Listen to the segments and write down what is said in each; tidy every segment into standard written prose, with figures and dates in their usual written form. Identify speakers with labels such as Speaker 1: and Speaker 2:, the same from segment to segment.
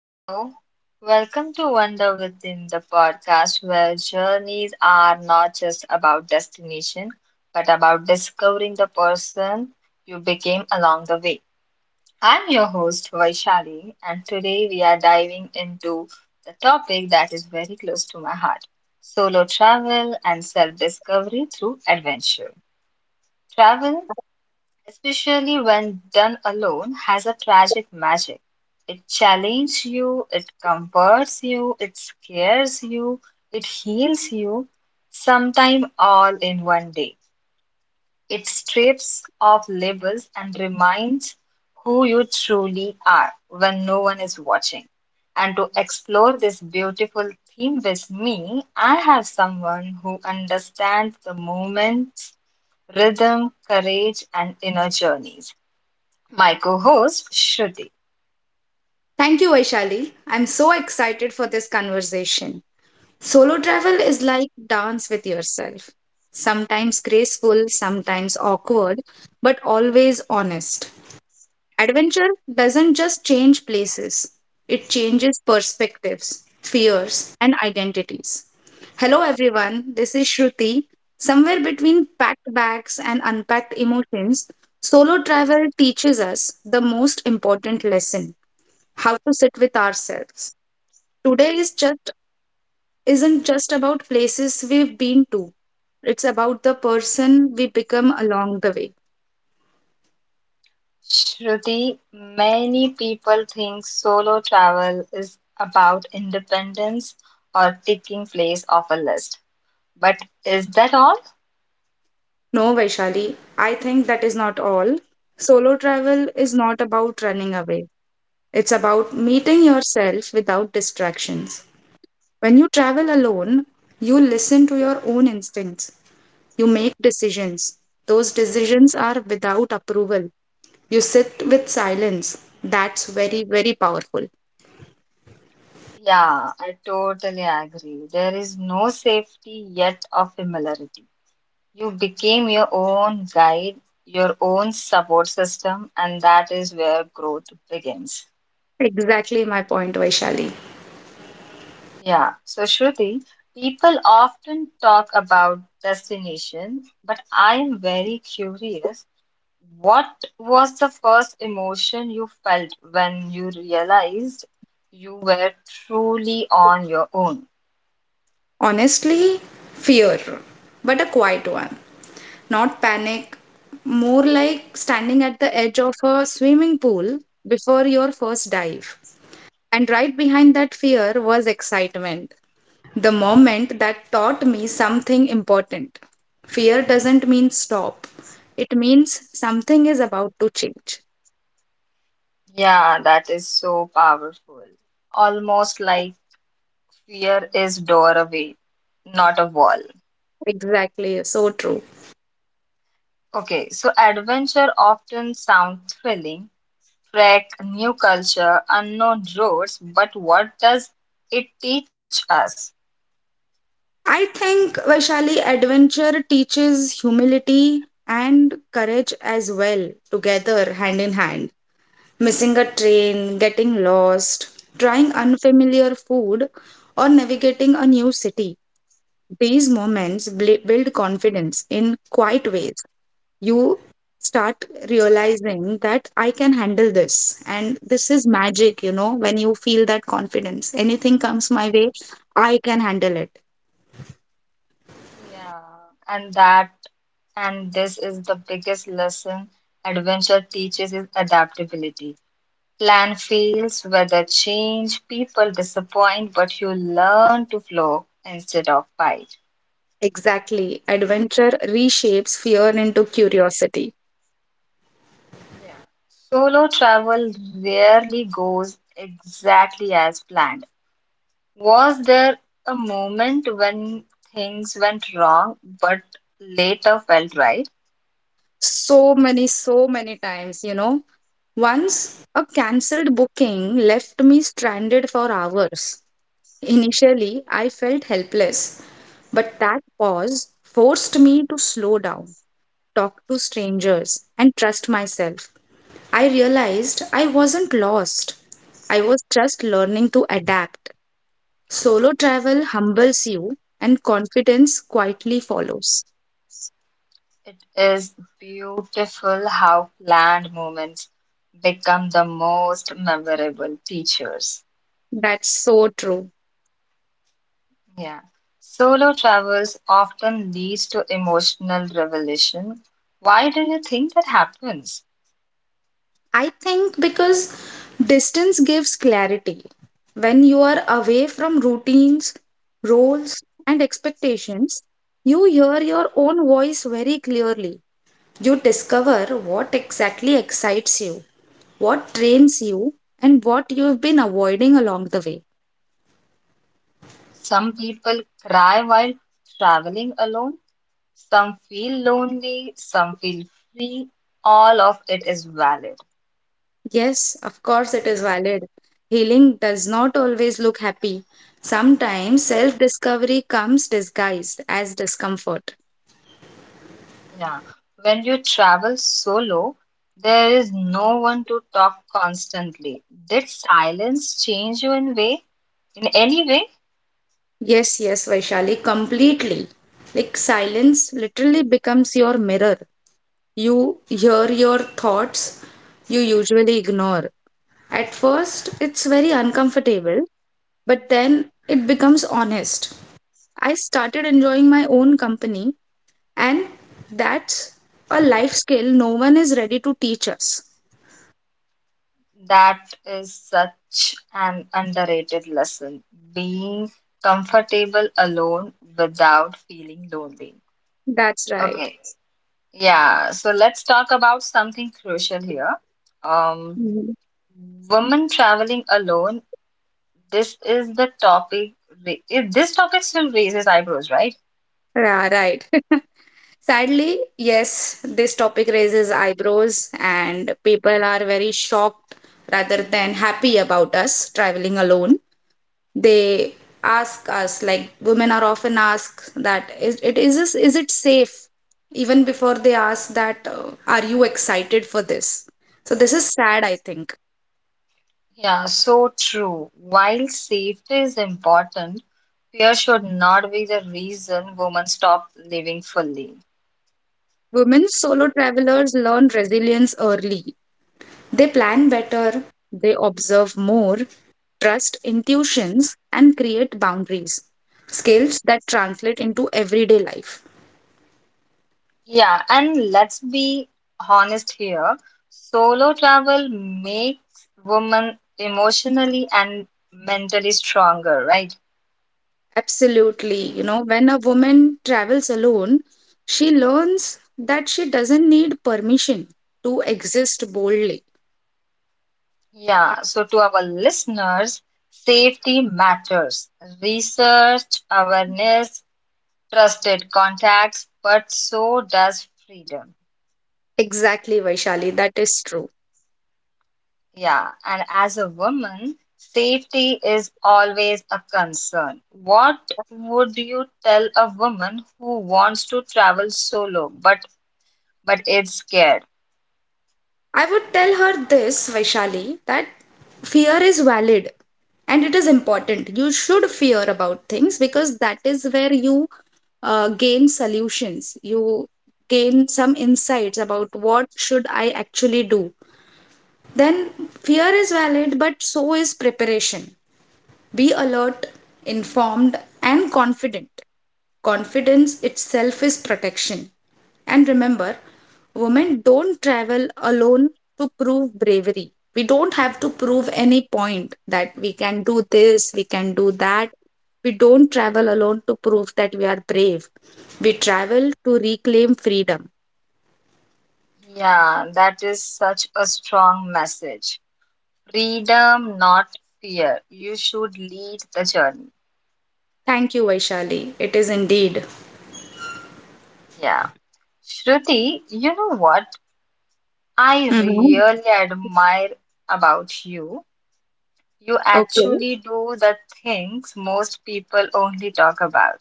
Speaker 1: Hello, welcome to Wonder Within the podcast, where journeys are not just about destination, but about discovering the person you became along the way. I'm your host, Vaishali, and today we are diving into the topic that is very close to my heart solo travel and self discovery through adventure. Travel especially when done alone, has a tragic magic. It challenges you, it comforts you, it scares you, it heals you, sometime all in one day. It strips off labels and reminds who you truly are when no one is watching. And to explore this beautiful theme with me, I have someone who understands the movement, rhythm, courage, and inner journeys. My co-host, Shruti.
Speaker 2: Thank you, Vaishali. I'm so excited for this conversation. Solo travel is like dance with yourself. Sometimes graceful, sometimes awkward, but always honest. Adventure doesn't just change places, it changes perspectives, fears, and identities. Hello, everyone. This is Shruti. Somewhere between packed bags and unpacked emotions, solo travel teaches us the most important lesson how to sit with ourselves. Today is just isn't just about places we've been to. It's about the person we become along the way.
Speaker 1: Shruti, many people think solo travel is about independence or taking place off a list. But is that all?
Speaker 2: No, Vaishali, I think that is not all. Solo travel is not about running away. It's about meeting yourself without distractions. When you travel alone, you listen to your own instincts. You make decisions. Those decisions are without approval. You sit with silence. That's very, very powerful.
Speaker 1: Yeah, I totally agree. There is no safety yet of familiarity. You became your own guide, your own support system, and that is where growth begins.
Speaker 2: Exactly my point, Vaishali.
Speaker 1: Yeah, so Shruti, people often talk about destination, but I am very curious. What was the first emotion you felt when you realized you were truly on your own?
Speaker 2: Honestly, fear, but a quiet one. Not panic, more like standing at the edge of a swimming pool before your first dive. And right behind that fear was excitement. The moment that taught me something important. Fear doesn't mean stop, it means something is about to change.
Speaker 1: Yeah, that is so powerful. Almost like fear is doorway, not a wall.
Speaker 2: Exactly, so true.
Speaker 1: Okay, so adventure often sounds thrilling, trek, new culture, unknown roads, but what does it teach us?
Speaker 2: I think Vaishali adventure teaches humility and courage as well, together, hand in hand. Missing a train, getting lost, trying unfamiliar food, or navigating a new city. These moments build confidence in quiet ways. You start realizing that I can handle this, and this is magic, you know, when you feel that confidence. Anything comes my way, I can handle it.
Speaker 1: Yeah, and that, and this is the biggest lesson adventure teaches is adaptability. Plan fails, weather change, people disappoint, but you learn to flow instead of fight.
Speaker 2: Exactly. Adventure reshapes fear into curiosity.
Speaker 1: Yeah. Solo travel rarely goes exactly as planned. Was there a moment when things went wrong but later felt right?
Speaker 2: So many, so many times, you know. Once a cancelled booking left me stranded for hours. Initially, I felt helpless, but that pause forced me to slow down, talk to strangers, and trust myself. I realized I wasn't lost. I was just learning to adapt. Solo travel humbles you and confidence quietly follows.
Speaker 1: It is beautiful how planned moments become the most memorable teachers.
Speaker 2: That's so true.
Speaker 1: Yeah. Solo travels often leads to emotional revelation. Why do you think that happens?
Speaker 2: I think because distance gives clarity. When you are away from routines, roles, and expectations, you hear your own voice very clearly. You discover what exactly excites you, what trains you, and what you have been avoiding along the way.
Speaker 1: Some people cry while traveling alone, some feel lonely, some feel free. All of it is valid.
Speaker 2: Yes, of course, it is valid. Healing does not always look happy. Sometimes self discovery comes disguised as discomfort.
Speaker 1: Yeah, when you travel solo, there is no one to talk constantly. Did silence change you in any way?
Speaker 2: Yes, yes, Vaishali, completely. Like silence literally becomes your mirror. You hear your thoughts you usually ignore. At first, it's very uncomfortable, but then it becomes honest. I started enjoying my own company. And that's a life skill no one is ready to teach us.
Speaker 1: That is such an underrated lesson. Being comfortable alone without feeling lonely.
Speaker 2: That's right.
Speaker 1: Okay, yeah, so let's talk about something crucial here. Um,
Speaker 2: Mhm.
Speaker 1: Women traveling alone. This is the topic. This topic still raises eyebrows, right?
Speaker 2: Yeah, right. Sadly, yes, this topic raises eyebrows, and people are very shocked rather than happy about us traveling alone. They ask us, like women are often asked that is it is is it safe? Even before they ask that, are you excited for this? So this is sad, I think.
Speaker 1: Yeah, so true. While safety is important, fear should not be the reason women stop living fully.
Speaker 2: Women solo travelers learn resilience early. They plan better, they observe more, trust intuitions, and create boundaries. Skills that translate into everyday life.
Speaker 1: Yeah, and let's be honest here. Solo travel makes women emotionally and mentally stronger, right?
Speaker 2: Absolutely. You know, when a woman travels alone, she learns that she doesn't need permission to exist boldly.
Speaker 1: Yeah, so to our listeners, safety matters. Research, awareness, trusted contacts, but so does freedom.
Speaker 2: Exactly, Vaishali, that is true.
Speaker 1: Yeah, and as a woman, safety is always a concern. What would you tell a woman who wants to travel solo but is scared?
Speaker 2: I would tell her this, Vaishali, that fear is valid and it is important. You should fear about things because that is where you gain solutions. You gain some insights about what should I actually do. Then fear is valid, but so is preparation. Be alert, informed, and confident. Confidence itself is protection. And remember, women don't travel alone to prove bravery. We don't have to prove any point that we can do this, we can do that. We don't travel alone to prove that we are brave. We travel to reclaim freedom.
Speaker 1: Yeah, that is such a strong message. Freedom, not fear. You should lead the journey.
Speaker 2: Thank you, Vaishali. It is indeed.
Speaker 1: Yeah. Shruti, you know what I
Speaker 2: Mhm.
Speaker 1: really admire about you? You
Speaker 2: Okay.
Speaker 1: actually do the things most people only talk about.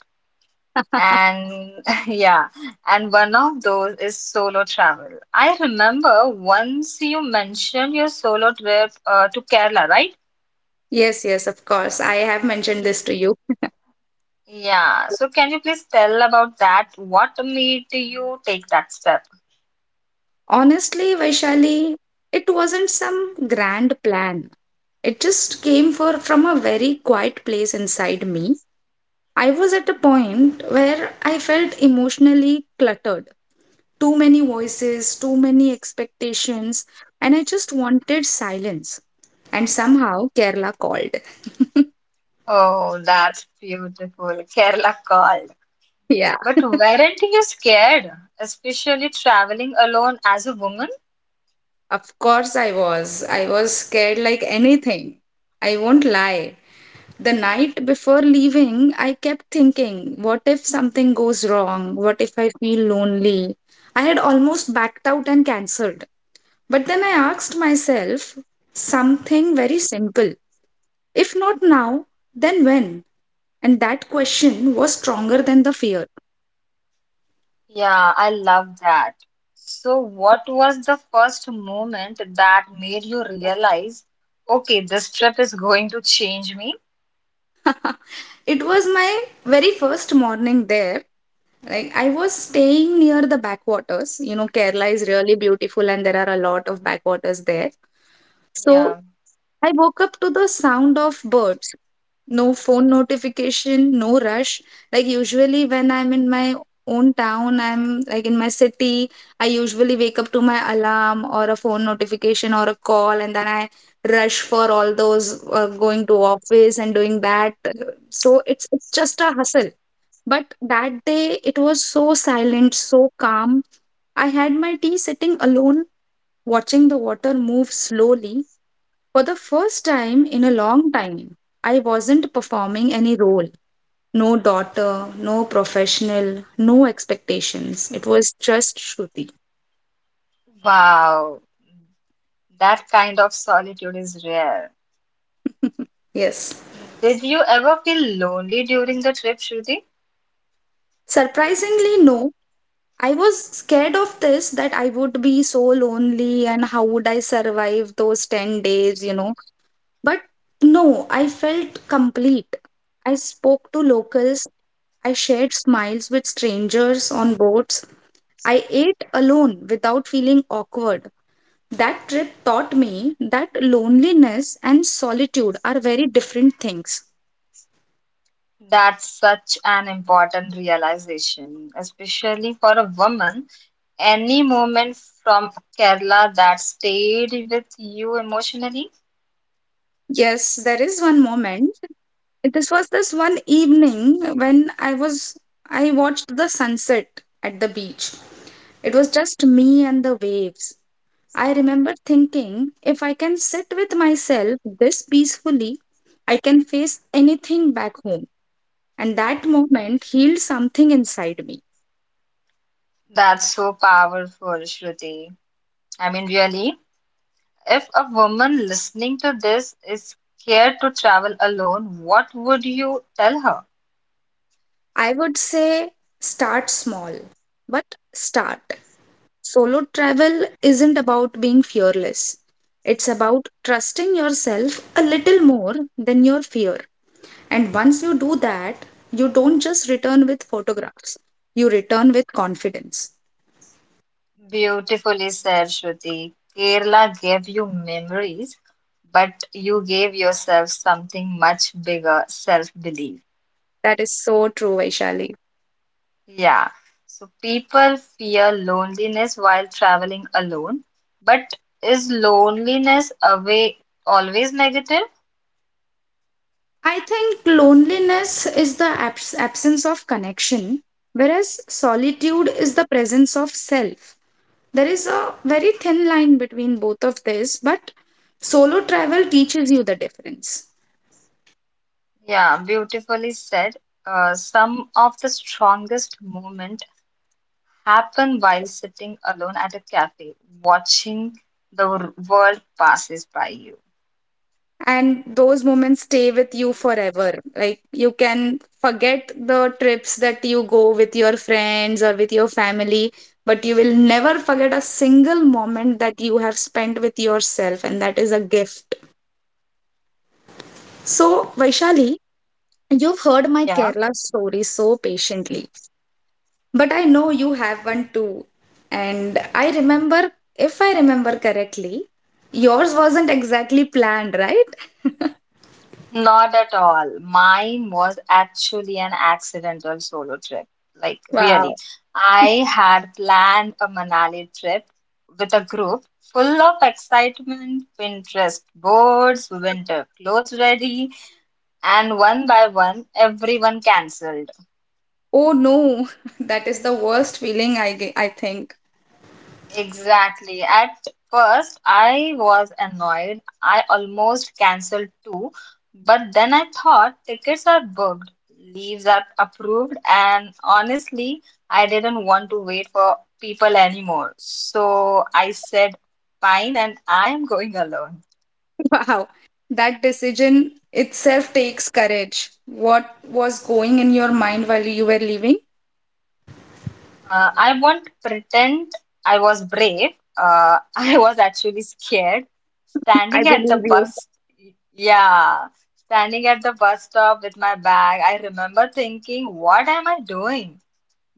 Speaker 1: And yeah, and one of those is solo travel. I remember once you mentioned your solo trip to Kerala, right?
Speaker 2: Yes, yes, of course. I have mentioned
Speaker 1: Y-
Speaker 2: this to you.
Speaker 1: Yeah, so can you please tell about that? What made you take that step?
Speaker 2: Honestly, Vaishali, it wasn't some grand plan. It just came for from a very quiet place inside me. I was at a point where I felt emotionally cluttered. Too many voices, too many expectations, and I just wanted silence. And somehow Kerala called.
Speaker 1: Oh, that's beautiful. Kerala called.
Speaker 2: Yeah.
Speaker 1: But weren't you scared, especially traveling alone as a woman?
Speaker 2: Of course, I was. I was scared like anything. I won't lie. The night before leaving, I kept thinking, what if something goes wrong? What if I feel lonely? I had almost backed out and cancelled. But then I asked myself something very simple. If not now, then when? And that question was stronger than the fear.
Speaker 1: Yeah, I love that. So, what was the first moment that made you realize, okay, this trip is going to change me?
Speaker 2: It was my very first morning there. Like I was staying near the backwaters. You know, Kerala is really beautiful and there are a lot of backwaters there. So
Speaker 1: Yeah.
Speaker 2: I woke up to the sound of birds. No phone notification, no rush. Like usually when I'm in my own town, I'm like in my city, I usually wake up to my alarm or a phone notification or a call and then I rush for all those going to office and doing that. So it's just a hustle but that day it was so silent, so calm. I had my tea sitting alone, watching the water move slowly. For the first time in a long time, I wasn't performing any role. No daughter, no professional, no expectations. It was just Shruti.
Speaker 1: Wow, that kind of solitude is rare.
Speaker 2: Yes.
Speaker 1: Mm, did you ever feel lonely during the trip, Shruti?
Speaker 2: Surprisingly, no. I was scared of this that I would be so lonely and how would I survive those 10 days, you know. But no, I felt complete. I spoke to locals, I shared smiles with strangers on boats, I ate alone without feeling awkward. That trip taught me that loneliness and solitude are very different things.
Speaker 1: That's such an important realization, especially for a woman. Any moment from Kerala that stayed with you emotionally?
Speaker 2: Yes, there is one moment. This was this one evening when I watched the sunset at the beach. It was just me and the waves. I remember thinking if I can sit with myself this peacefully, I can face anything back home. And that moment healed something inside me.
Speaker 1: That's so powerful, Shruti. I mean, really, if a woman listening to this is scared to travel alone, what would you tell her?
Speaker 2: I would say start small, but start. Solo travel isn't about being fearless, it's about trusting yourself a little more than your fear. And once you do that, you don't just return with photographs, you return with confidence.
Speaker 1: Beautifully said, Shruti. Kerala gave you memories, but you gave yourself something much bigger, self-belief.
Speaker 2: That is so true, Vaishali.
Speaker 1: Yeah. So people fear loneliness while traveling alone, but is loneliness away always negative?
Speaker 2: I think loneliness is the absence of connection, whereas solitude is the presence of self. There is a very thin line between both of these, but solo travel teaches you the difference.
Speaker 1: Yeah, beautifully said. Some of the strongest moments happen while sitting alone at a cafe, watching world passes by you.
Speaker 2: And those moments stay with you forever. Like you can forget the trips that you go with your friends or with your family, but you will never forget a single moment that you have spent with yourself, and that is a gift. So, Vaishali, you've heard my
Speaker 1: Yeah,
Speaker 2: Kerala story so patiently, but I know you have one too. And I remember, if I remember correctly, yours wasn't exactly planned, right?
Speaker 1: not at all. Mine was actually an accidental solo trip. Like,
Speaker 2: Wow.
Speaker 1: really, I had planned a Manali trip with a group full of excitement, Pinterest boards, winter clothes ready, and one by one, everyone cancelled.
Speaker 2: Oh no, that is the worst feeling I think.
Speaker 1: Exactly. At first, I was annoyed. I almost cancelled too. But then I thought tickets are booked, leaves are approved, and honestly, I didn't want to wait for people anymore. So I said, fine, and I am going alone.
Speaker 2: Wow. That decision itself takes courage. What was going in your mind while you were leaving?
Speaker 1: I won't pretend I was brave. I was actually scared.
Speaker 2: I
Speaker 1: Standing at
Speaker 2: believe
Speaker 1: the
Speaker 2: you.
Speaker 1: bus, yeah, standing at the bus stop with my bag, I remember thinking, what am I doing?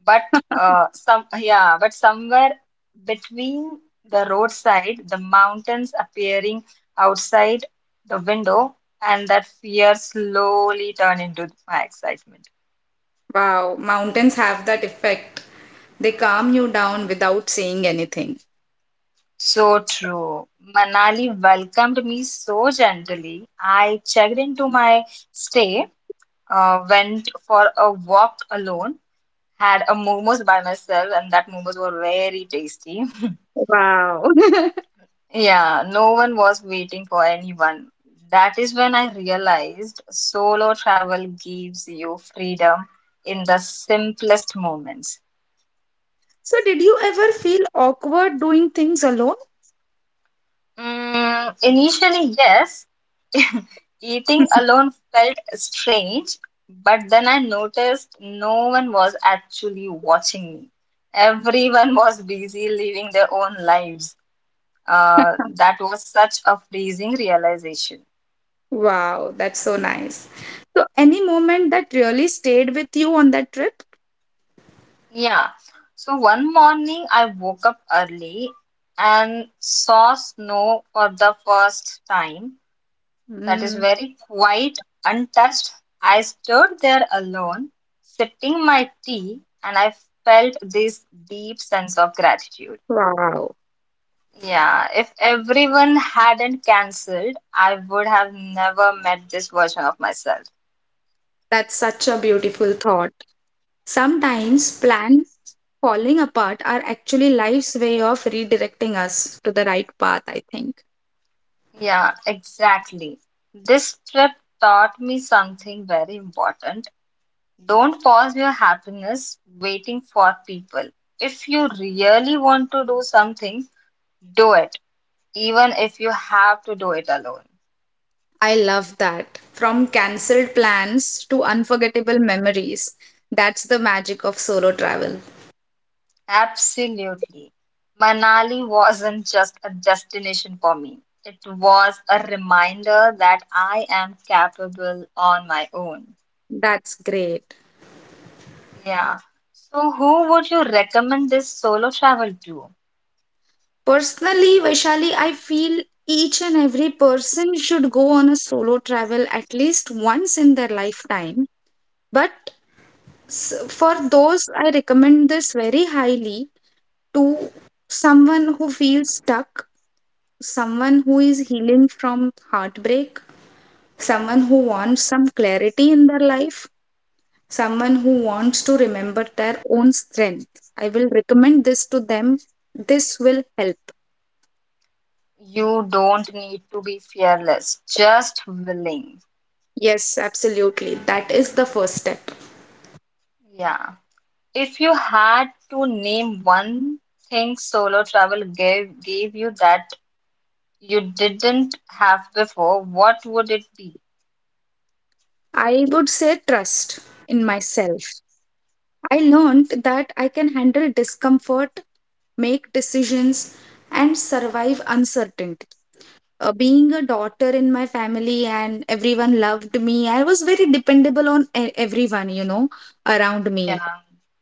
Speaker 1: But yeah, but somewhere between the roadside, the mountains appearing outside the window, and that fear slowly turned into my excitement.
Speaker 2: Wow, mountains have that effect. They calm you down without saying anything.
Speaker 1: So true. Manali welcomed me so gently. I checked into my stay, went for a walk alone, had a momos by myself, and that momos were very tasty.
Speaker 2: Wow.
Speaker 1: Yeah, no one was waiting for anyone. That is when I realized solo travel gives you freedom in the simplest moments.
Speaker 2: So, did you ever feel awkward doing things alone?
Speaker 1: Mm, initially, yes. Eating alone felt strange, but then I noticed no one was actually watching me. Everyone was busy living their own lives. That was such a freezing realization.
Speaker 2: Wow, that's so nice. So, any moment that really stayed with you on that trip?
Speaker 1: Yeah. So one morning I woke up early and saw snow for the first time. That is
Speaker 2: Mm,
Speaker 1: very quiet, untouched. I stood there alone, sipping my tea, and I felt this deep sense of gratitude.
Speaker 2: wow,
Speaker 1: Yeah, if everyone hadn't cancelled, I would have never met this version of myself.
Speaker 2: that's such a beautiful thought. Sometimes plan falling apart are actually life's way of redirecting us to the right path, I think.
Speaker 1: Yeah, exactly. This trip taught me something very important. Don't pause your happiness waiting for people. If you really want to do something, do it even if you have to do it alone.
Speaker 2: I love that. From cancelled plans to unforgettable memories. That's the magic of solo travel.
Speaker 1: Absolutely. Manali wasn't just a destination for me. It was a reminder that I am capable on my own.
Speaker 2: That's great.
Speaker 1: Yeah. So, who would you recommend this solo travel to?
Speaker 2: Personally, Vaishali, I feel each and every person should go on a solo travel at least once in their lifetime. But for those, I recommend this very highly to someone who feels stuck, someone who is healing from heartbreak, someone who wants some clarity in their life, someone who wants to remember their own strength. I will recommend this to them. This will help.
Speaker 1: You don't need to be fearless, just willing.
Speaker 2: Yes, absolutely. That is the first step.
Speaker 1: Yeah. If you had to name one thing solo travel gave you that you didn't have before, what would it be?
Speaker 2: I would say trust in myself. I learned that I can handle discomfort, make decisions, and survive uncertainty. Being a daughter in my family and everyone loved me, I was very dependable on everyone, you know, around
Speaker 1: Yeah,
Speaker 2: me.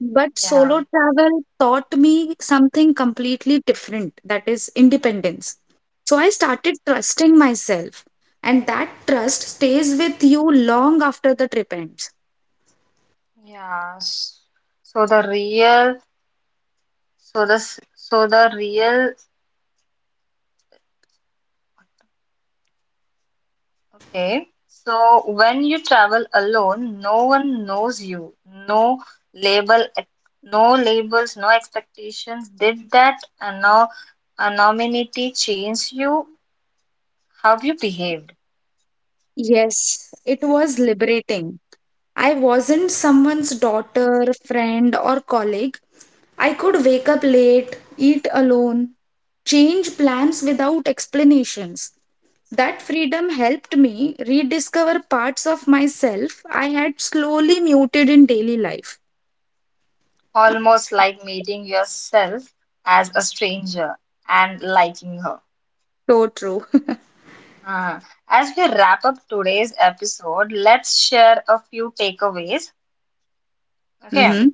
Speaker 2: But
Speaker 1: yeah,
Speaker 2: solo travel taught me something completely different, that is, independence. So I started trusting myself, and that trust stays with you long after the trip ends.
Speaker 1: yeah. S- So the real, so the s- so the real, Okay. So when you travel alone, no one knows you. No label, ex- no labels, no expectations. Did that anonymity change you? How you behaved?
Speaker 2: Yes, it was liberating. I wasn't someone's daughter, friend, or colleague. I could wake up late, eat alone, change plans without explanations. That freedom helped me rediscover parts of myself I had slowly muted in daily life.
Speaker 1: Almost like meeting yourself as a stranger and liking her.
Speaker 2: So true.
Speaker 1: Ah, as we wrap up today's episode, let's share a few takeaways. Okay.
Speaker 2: Hmm.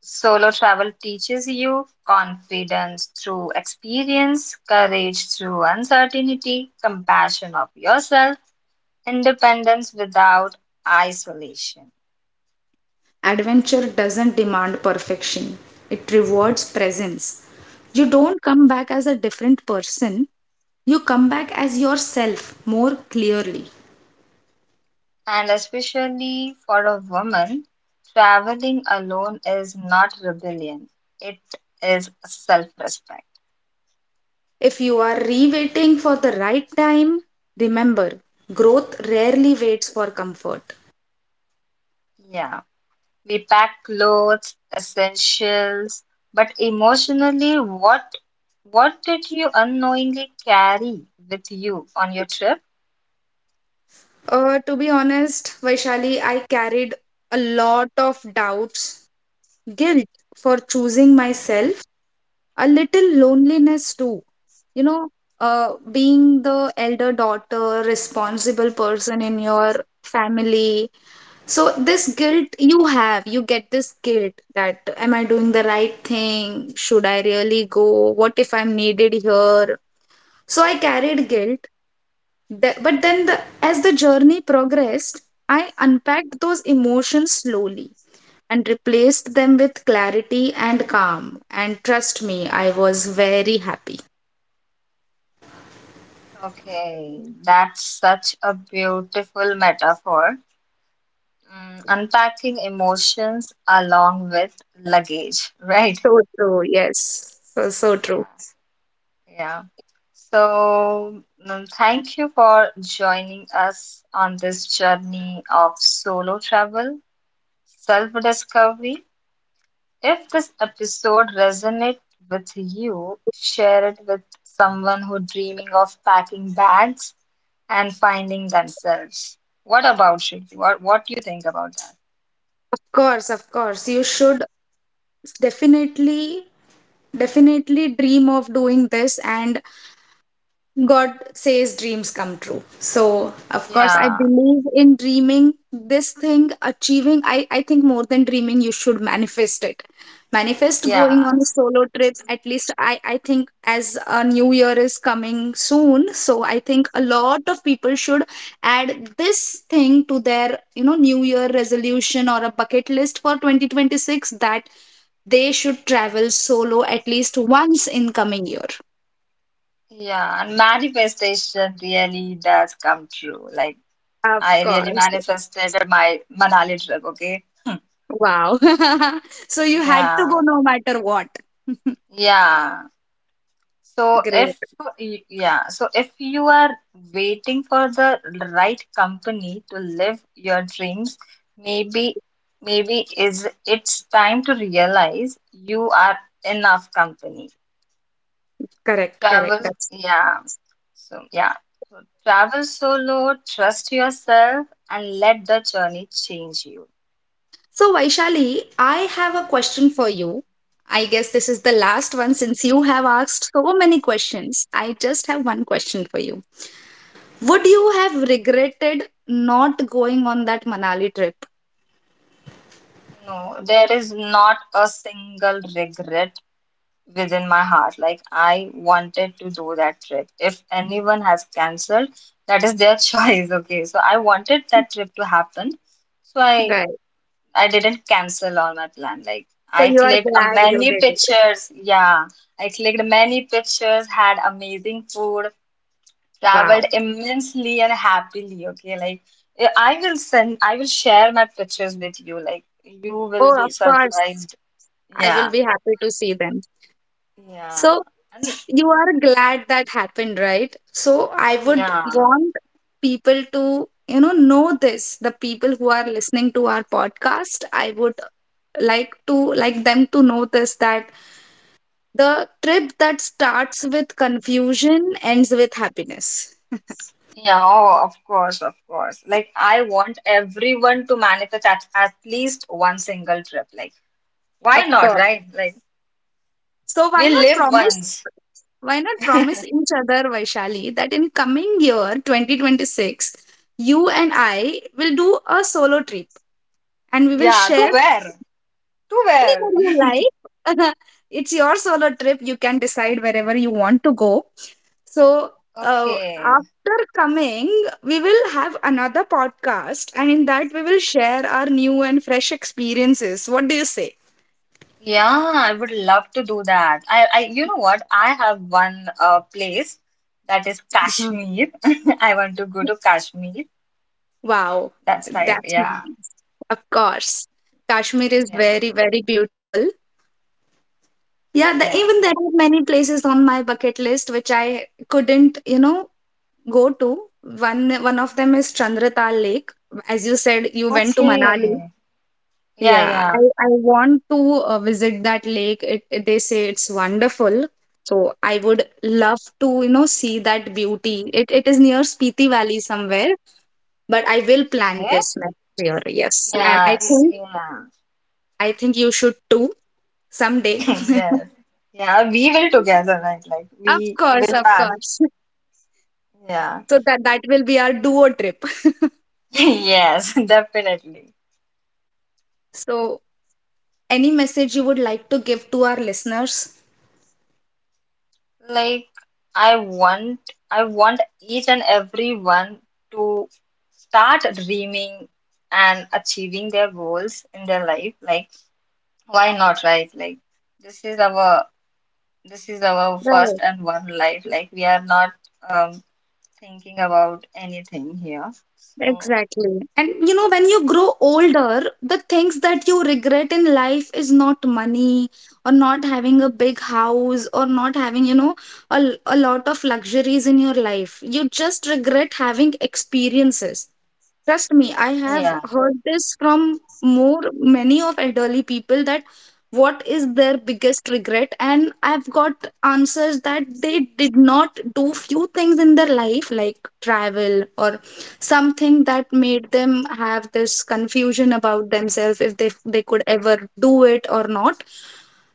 Speaker 1: Solo travel teaches you confidence through experience, courage through uncertainty, compassion of yourself, independence without isolation.
Speaker 2: Adventure doesn't demand perfection, it rewards presence. You don't come back as a different person, you come back as yourself more clearly.
Speaker 1: And especially for a woman, traveling alone is not rebellion, it is self respect.
Speaker 2: If you are re waiting for the right time, remember growth rarely waits for comfort.
Speaker 1: Yeah. We pack clothes, essentials, but emotionally, what did you unknowingly carry with you on your trip?
Speaker 2: To be honest, Vaishali, I carried a lot of doubts, guilt for choosing myself, a little loneliness too. You know, being the elder daughter, responsible person in your family. So, this guilt you have, you get this guilt that am I doing the right thing? Should I really go? What if I'm needed here? So, I carried guilt but then as the journey progressed, I unpacked those emotions slowly, and replaced them with clarity and calm. And trust me, I was very happy.
Speaker 1: Okay, that's such a beautiful metaphor. Mm, unpacking emotions along with luggage, right?
Speaker 2: So true. Yes, so true.
Speaker 1: Yeah, yeah. So, mm, thank you for joining us on this journey of solo travel, self-discovery, if this episode resonates with you, share it with someone who dreaming of packing bags and finding themselves. What about Shruti? What do you think about that?
Speaker 2: Of course, of course you should. Definitely definitely dream of doing this. And God says dreams come true. So, of course, I
Speaker 1: Yeah,
Speaker 2: believe in dreaming this thing, achieving. I think more than dreaming, you should manifest it. Manifest
Speaker 1: yeah,
Speaker 2: going on a solo trip. At least I think as a new year is coming soon. So I think a lot of people should add this thing to their, new year resolution or a bucket list for 2026, that they should travel solo at least once in coming year.
Speaker 1: yeah. And manifestation really does come true. Like
Speaker 2: Of
Speaker 1: I really
Speaker 2: course.
Speaker 1: manifested my Manali trip, okay?
Speaker 2: Wow. So you had to go
Speaker 1: Yeah,
Speaker 2: no matter what.
Speaker 1: yeah. So
Speaker 2: Great.
Speaker 1: if yeah, so if you are waiting for the right company to live your dreams, maybe maybe is it's time to realize you are enough company.
Speaker 2: Correct. Correct.
Speaker 1: Travel,
Speaker 2: That's
Speaker 1: yeah. So yeah, so travel solo, trust yourself, and let the journey change you.
Speaker 2: so, Vaishali, I have a question for you. I guess this is the last one, since you have asked so many questions. I just have one question for you. Would you have regretted not going on that Manali trip?
Speaker 1: No, there is not a single regret within my heart. Like I wanted to do that trip. If anyone has canceled, that is their choice. Okay. So I wanted that trip to happen. So I
Speaker 2: Right.
Speaker 1: I didn't cancel on my plan. Like
Speaker 2: So
Speaker 1: I
Speaker 2: you are
Speaker 1: clicked a
Speaker 2: glad you
Speaker 1: many
Speaker 2: did it.
Speaker 1: pictures. Yeah. I clicked many pictures, had amazing food, traveled
Speaker 2: Wow.
Speaker 1: immensely and happily. Okay. Like I will share my pictures with you. Like you will
Speaker 2: Oh, of
Speaker 1: be
Speaker 2: course.
Speaker 1: surprised.
Speaker 2: I
Speaker 1: Yeah.
Speaker 2: will be happy to see them.
Speaker 1: Yeah.
Speaker 2: So
Speaker 1: And
Speaker 2: you are glad that happened, right? So I would
Speaker 1: yeah.
Speaker 2: want people to, know this, the people who are listening to our podcast. I would like to like them to know this, that the trip that starts with confusion ends with happiness.
Speaker 1: Yeah, oh, of course, of course. Like, I want everyone to manifest at least one single trip. Like, why
Speaker 2: Of
Speaker 1: not,
Speaker 2: course.
Speaker 1: right? Like,
Speaker 2: So why
Speaker 1: we
Speaker 2: not
Speaker 1: live
Speaker 2: promise,
Speaker 1: once.
Speaker 2: why not promise each other, Vaishali, that in coming year 2026, you and I will do a solo trip and we will
Speaker 1: Yeah, to
Speaker 2: share
Speaker 1: where? To where?
Speaker 2: anywhere you like. it's your solo trip. You can decide wherever you want to go. So,
Speaker 1: Okay.
Speaker 2: after coming, we will have another podcast, and in that, we will share our new and fresh experiences. What do you say?
Speaker 1: Yeah, I would love to do that. You know what? I have one place that is
Speaker 2: Mhm.
Speaker 1: Kashmir. I want to go to Kashmir.
Speaker 2: Wow,
Speaker 1: That's right.
Speaker 2: that's
Speaker 1: Yeah,
Speaker 2: nice. Of course. Kashmir is
Speaker 1: yeah,
Speaker 2: very, very beautiful. Yeah, the,
Speaker 1: yeah.
Speaker 2: even there are many places on my bucket list which I couldn't, go to. One of them is Chandratal Lake. As you said, you went to Manali.
Speaker 1: Okay. Yeah,
Speaker 2: Yeah, I,
Speaker 1: yeah.
Speaker 2: I want to visit that lake. They say it's wonderful. So I would love to, see that beauty. It is near Spiti Valley somewhere, but I will
Speaker 1: Okay.
Speaker 2: plan this next year. Yes, and
Speaker 1: Yeah, yeah.
Speaker 2: I think you should too someday.
Speaker 1: Yes. Yeah, we will together, right? Like
Speaker 2: Of
Speaker 1: we
Speaker 2: course,
Speaker 1: will
Speaker 2: of
Speaker 1: pass.
Speaker 2: course.
Speaker 1: Yeah.
Speaker 2: So that will be our duo trip.
Speaker 1: Yes, definitely.
Speaker 2: So any message you would like to give to our listeners?
Speaker 1: Like I want I want each and everyone to start dreaming and achieving their goals in their life. Like why not, right? Like this is our this is our first
Speaker 2: Right,
Speaker 1: and one life. Like we are not um thinking about anything here. So
Speaker 2: exactly. And you know, when you grow older, the things that you regret in life is not money, or not having a big house, or not having, you know, a lot of luxuries in your life. You just regret having experiences. Trust me, I have
Speaker 1: yeah,
Speaker 2: heard this from more many of elderly people, that what is their biggest regret, and I've got answers that they did not do few things in their life, like travel, or something that made them have this confusion about themselves, if they could ever do it or not.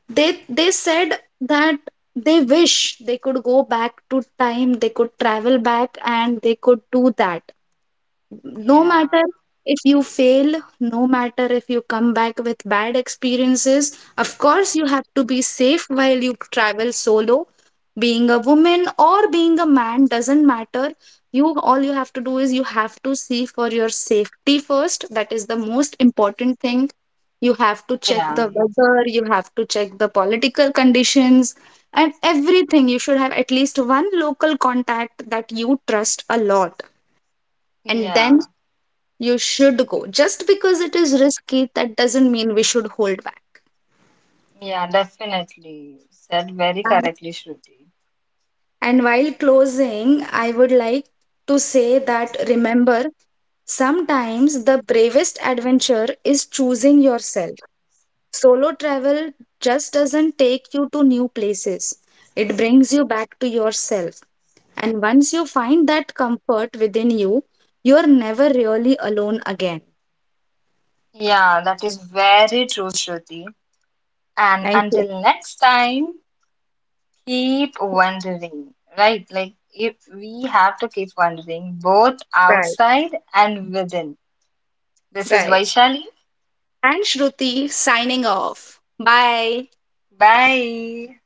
Speaker 2: They said that they wish they could go back to time, they could travel back and they could do that, no
Speaker 1: yeah,
Speaker 2: matter if you fail, no matter if you come back with bad experiences. Of course, you have to be safe while you travel solo. Being a woman or being a man doesn't matter. You, all you have to do is you have to see for your safety first. That is the most important thing. You have to check
Speaker 1: yeah,
Speaker 2: the weather, you have to check the political conditions and everything. You should have at least one local contact that you trust a lot, and
Speaker 1: yeah.
Speaker 2: then you should go. Just because it is risky, that doesn't mean we should hold back.
Speaker 1: Yeah, definitely. Said very
Speaker 2: And,
Speaker 1: correctly, Shruti.
Speaker 2: and while closing, I would like to say that remember, sometimes the bravest adventure is choosing yourself. Solo travel just doesn't take you to new places, it brings you back to yourself. And once you find that comfort within you, you're never really alone again.
Speaker 1: Yeah, that is very true, Shruti. And
Speaker 2: Thank you.
Speaker 1: until next time, keep wondering, right? Like, if we have to keep wondering both
Speaker 2: Right,
Speaker 1: outside and within. This is
Speaker 2: right.
Speaker 1: Vaishali.
Speaker 2: And Shruti signing off. Bye.
Speaker 1: Bye.